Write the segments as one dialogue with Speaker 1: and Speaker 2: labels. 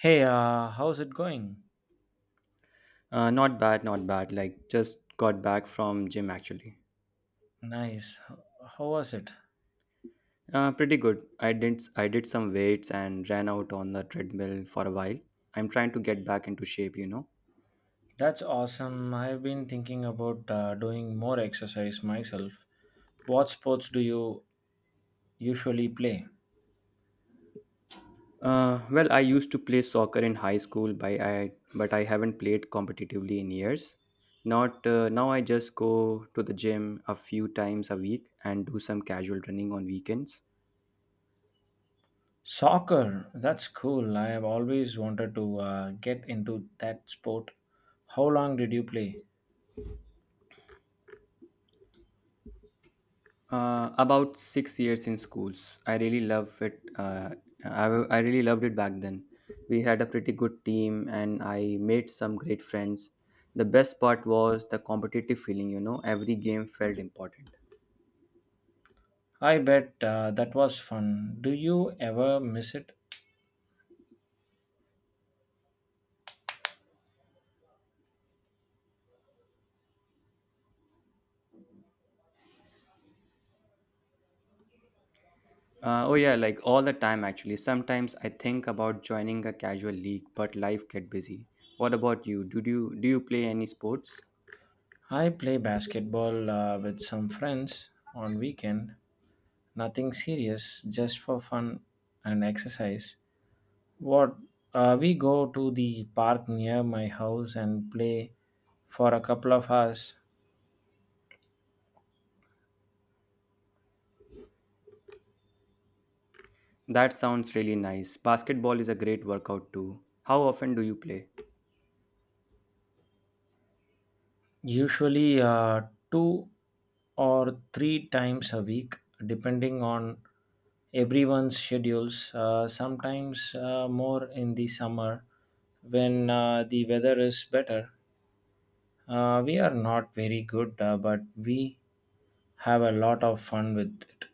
Speaker 1: Hey, how's it going?
Speaker 2: Not bad, not bad. Like just got back from gym actually.
Speaker 1: Nice. How was it?
Speaker 2: Pretty good. I did some weights and ran out on the treadmill for a while. I'm trying to get back into shape, you know.
Speaker 1: That's awesome. I've been thinking about doing more exercise myself. What sports do you usually play?
Speaker 2: Well, I used to play soccer in high school, by I but I haven't played competitively in years. Not now. I just go to the gym a few times a week and do some casual running on weekends.
Speaker 1: Soccer. That's cool. I have always wanted to get into that sport. How long did you play?
Speaker 2: About 6 years in schools. I really love it. I really loved it back then. We had a pretty good team and I made some great friends. The best part was the competitive feeling, you know, every game felt important.
Speaker 1: I bet that was fun. Do you ever miss it?
Speaker 2: Oh, yeah, like all the time actually. Sometimes I think about joining a casual league, but life get busy. What about you? Did you Do you play any sports?
Speaker 1: I play basketball with some friends on weekend. Nothing serious, just for fun and exercise. What We go to the park near my house and play for a couple of hours,
Speaker 2: That sounds really nice. Basketball is a great workout too. How often do you play?
Speaker 1: usually two or three times a week, depending on everyone's schedules. Sometimes more in the summer when the weather is better. We are not very good, but we have a lot of fun with it.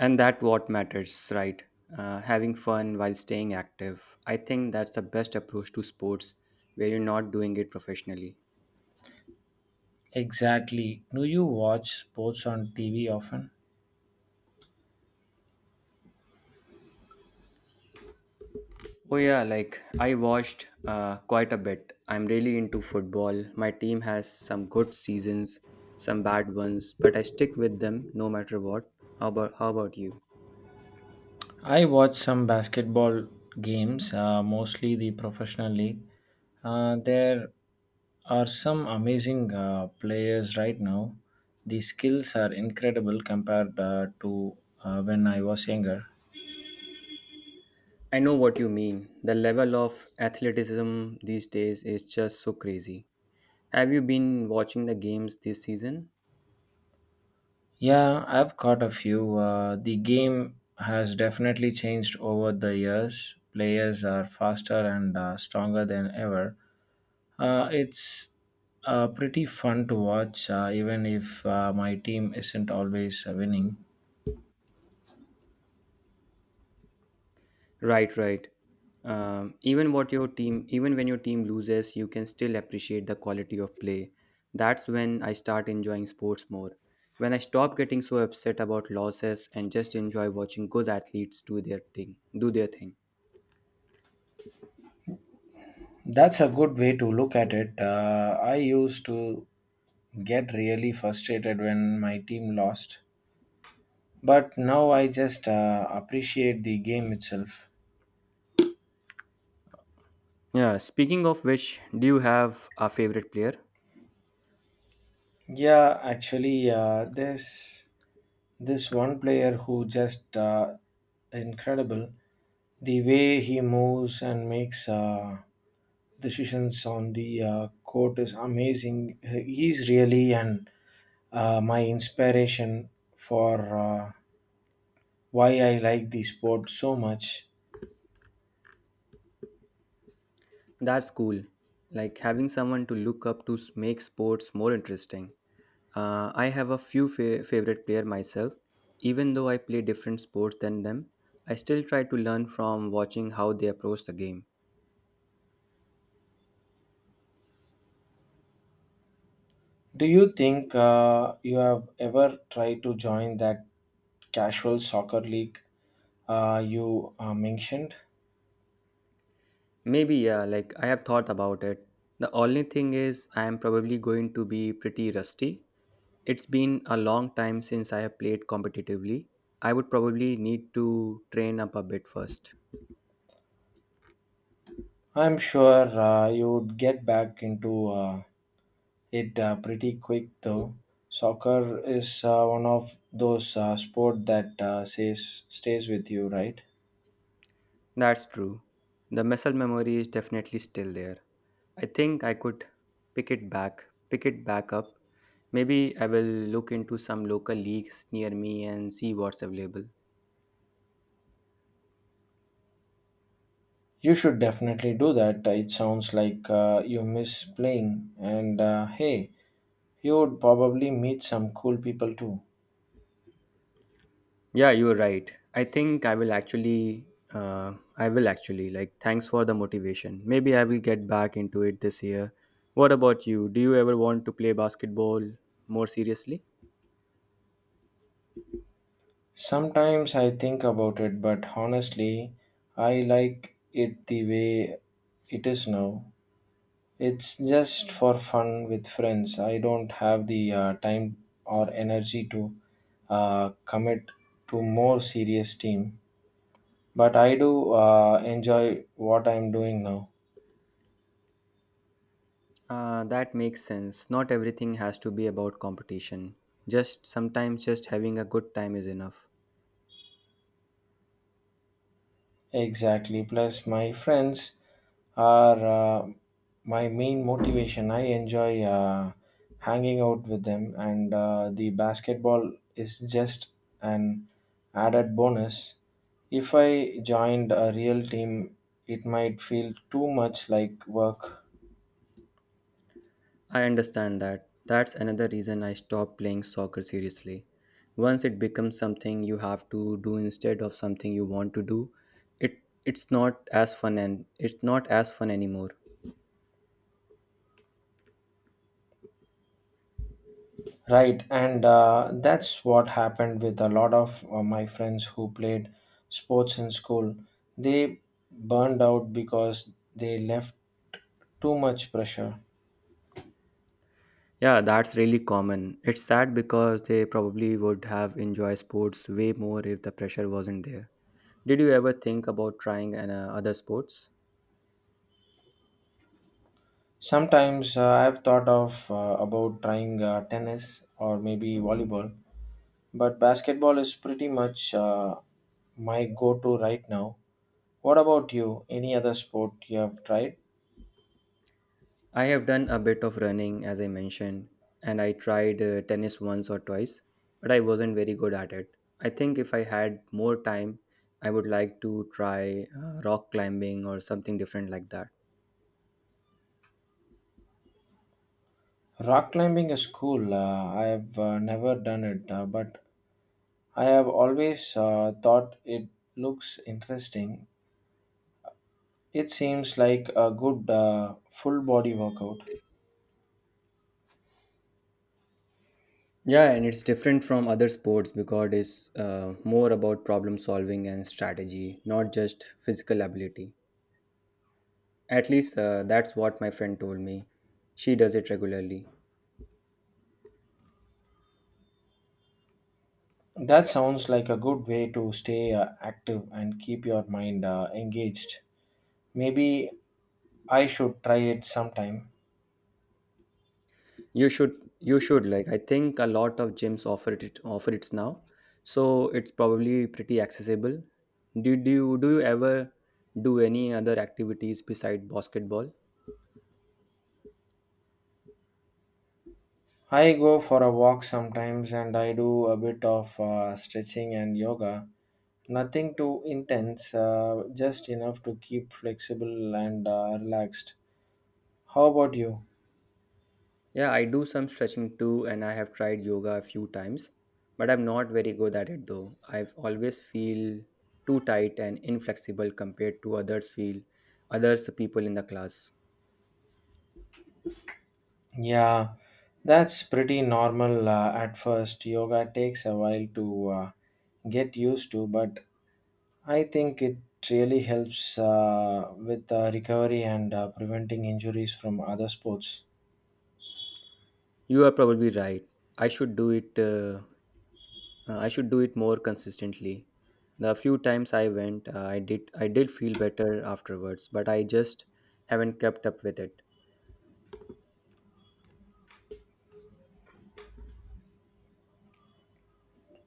Speaker 2: And that what matters, right? Having fun while staying active. I think that's the best approach to sports where you're not doing it professionally.
Speaker 1: Exactly. Do you watch sports on TV often?
Speaker 2: Oh yeah, like I watched quite a bit. I'm really into football. My team has some good seasons, some bad ones, but I stick with them no matter what. How about you?
Speaker 1: I watch some basketball games, mostly the professional league. There are some amazing players right now. The skills are incredible compared to when I was younger.
Speaker 2: I know what you mean. The level of athleticism these days is just so crazy. Have you been watching the games this season?
Speaker 1: Yeah, I've caught a few. The game has definitely changed over the years. Players are faster and stronger than ever. It's pretty fun to watch, even if my team isn't always winning.
Speaker 2: Right, right. Even when your team loses, you can still appreciate the quality of play. That's when I start enjoying sports more. When I stop getting so upset about losses and just enjoy watching good athletes do their thing.
Speaker 1: That's a good way to look at it. I used to get really frustrated when my team lost, but now I just appreciate the game itself.
Speaker 2: Yeah. Speaking of which, do you have a favorite player?
Speaker 1: Yeah, actually, this one player who just incredible. The way he moves and makes decisions on the court is amazing. He's really an my inspiration for why I like the sport so much.
Speaker 2: That's cool. Like having someone to look up to make sports more interesting. I have a few favorite player myself. Even though I play different sports than them, I still try to learn from watching how they approach the game.
Speaker 1: Do you think you have ever tried to join that casual soccer league you mentioned?
Speaker 2: Maybe yeah, like I have thought about it. The only thing is I am probably going to be pretty rusty. It's been a long time since I have played competitively. I would probably need to train up a bit first.
Speaker 1: I'm sure you'd get back into it pretty quick, though. Soccer is one of those sport that says stays with you, right?
Speaker 2: That's true. The muscle memory is definitely still there. I think I could pick it back up. Maybe I will look into some local leagues near me and see what's available.
Speaker 1: You should definitely do that. It sounds like you miss playing, and hey, you would probably meet some cool people too.
Speaker 2: Yeah, you're right. I will actually like. Thanks for the motivation. Maybe I will get back into it this year. What about you? Do you ever want to play basketball more seriously?
Speaker 1: Sometimes I think about it, but honestly, I like it the way it is now. It's just for fun with friends. I don't have the time or energy to commit to more serious team, but I do enjoy what I'm doing now.
Speaker 2: That makes sense. Not everything has to be about competition. Just having a good time is enough.
Speaker 1: Exactly. Plus, my friends are my main motivation. I enjoy hanging out with them, and the basketball is just an added bonus. If I joined a real team, it might feel too much like work.
Speaker 2: I understand that. That's another reason I stopped playing soccer seriously. Once it becomes something you have to do instead of something you want to do, it it's not as fun anymore.
Speaker 1: Right, and that's what happened with a lot of my friends who played sports in school. They burned out because they left too much pressure.
Speaker 2: Yeah, that's really common. It's sad because they probably would have enjoyed sports way more if the pressure wasn't there. Did you ever think about trying other sports?
Speaker 1: Sometimes I've thought of about trying tennis or maybe volleyball, but basketball is pretty much my go-to right now. What about you? Any other sport you have tried?
Speaker 2: I have done a bit of running, as I mentioned, and I tried tennis once or twice, but I wasn't very good at it. I think if I had more time, I would like to try rock climbing or something different like that.
Speaker 1: Rock climbing is cool. I have never done it, but I have always thought it looks interesting. It seems like a good full body workout.
Speaker 2: Yeah, and it's different from other sports because it's more about problem solving and strategy, not just physical ability. At least that's what my friend told me. She does it regularly.
Speaker 1: That sounds like a good way to stay active and keep your mind engaged. Maybe I should try it sometime.
Speaker 2: You should you should like I think a lot of gyms offer it now. So it's probably pretty accessible. Did you Do you ever do any other activities beside basketball?
Speaker 1: I go for a walk sometimes and I do a bit of stretching and yoga. Nothing too intense, just enough to keep flexible and relaxed. How about you?
Speaker 2: Yeah, I do some stretching too and I have tried yoga a few times, but I'm not very good at it though. I've always feel too tight and inflexible compared to others people in the class.
Speaker 1: Yeah, that's pretty normal at first. Yoga takes a while to get used to, but I think it really helps with recovery and preventing injuries from other sports.
Speaker 2: You are probably right. I should do it uh, I should do it more consistently. The few times I went, I did feel better afterwards, but I just haven't kept up with it.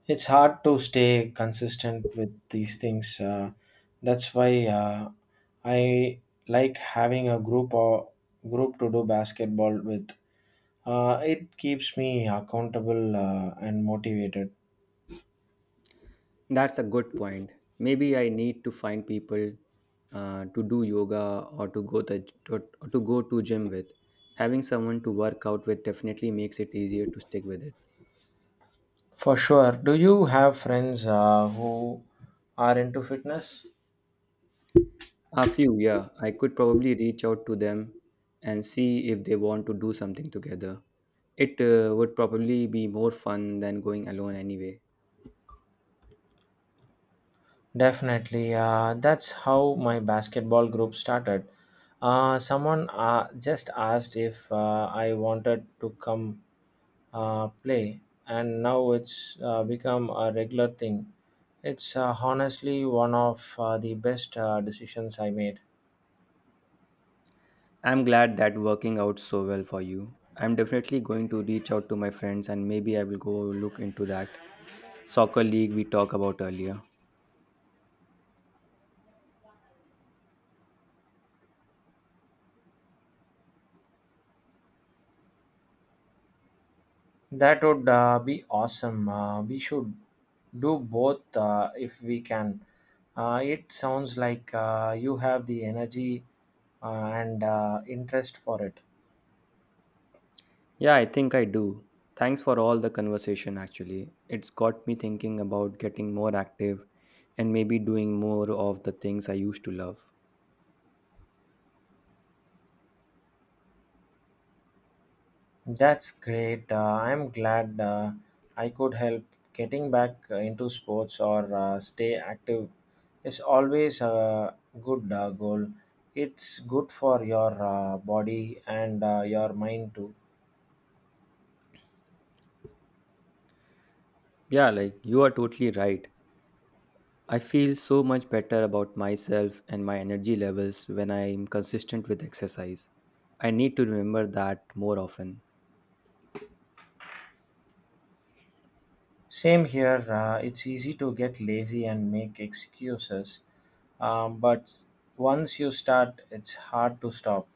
Speaker 1: It's hard to stay consistent with these things. That's why I like having a group to do basketball with. It keeps me accountable and motivated.
Speaker 2: That's a good point. Maybe I need to find people to do yoga or to go the to, or to go to gym with. Having someone to work out with definitely makes it easier to stick with it.
Speaker 1: For sure. Do you have friends who are into fitness?
Speaker 2: A few, yeah. I could probably reach out to them and see if they want to do something together. It would probably be more fun than going alone anyway.
Speaker 1: Definitely. That's how my basketball group started. Someone just asked if I wanted to come play, and now it's become a regular thing. It's honestly one of the best decisions I made.
Speaker 2: I'm glad that working out so well for you. I'm definitely going to reach out to my friends and maybe I will go look into that soccer league we talked about earlier.
Speaker 1: That would be awesome. We should do both if we can. It sounds like you have the energy and interest for it.
Speaker 2: Yeah, I think I do. Thanks for all the conversation actually. It's got me thinking about getting more active and maybe doing more of the things I used to love.
Speaker 1: That's great. I'm glad I could help. Getting back into sports or stay active is always a good goal. It's good for your body and your mind too.
Speaker 2: Yeah, like you are totally right. I feel so much better about myself and my energy levels when I am consistent with exercise. I need to remember that more often.
Speaker 1: Same here. It's easy to get lazy and make excuses, but once you start, it's hard to stop.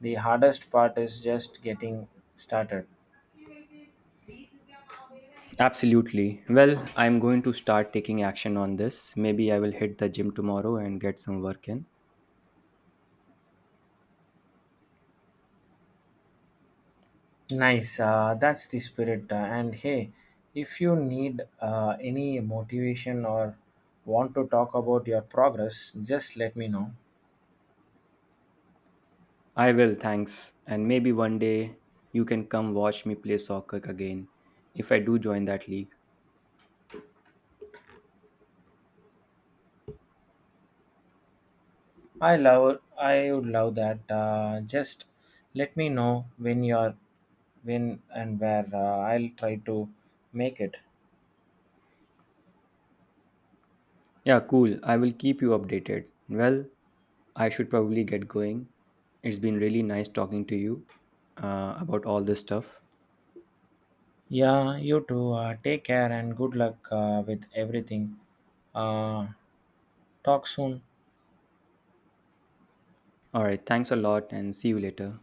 Speaker 1: The hardest part is just getting started.
Speaker 2: Absolutely. Well, I'm going to start taking action on this. Maybe I will hit the gym tomorrow and get some work in.
Speaker 1: Nice. That's the spirit. And hey, if you need any motivation or want to talk about your progress, just let me know.
Speaker 2: I will, thanks. And maybe one day you can come watch me play soccer again if I do join that league.
Speaker 1: I would love that. Just let me know when and where. I'll try to make it.
Speaker 2: Yeah, cool. I will keep you updated. Well, I should probably get going. It's been really nice talking to you about all this stuff.
Speaker 1: Yeah, you too. Take care and good luck with everything. Uh, Talk soon.
Speaker 2: All right, thanks a lot and see you later.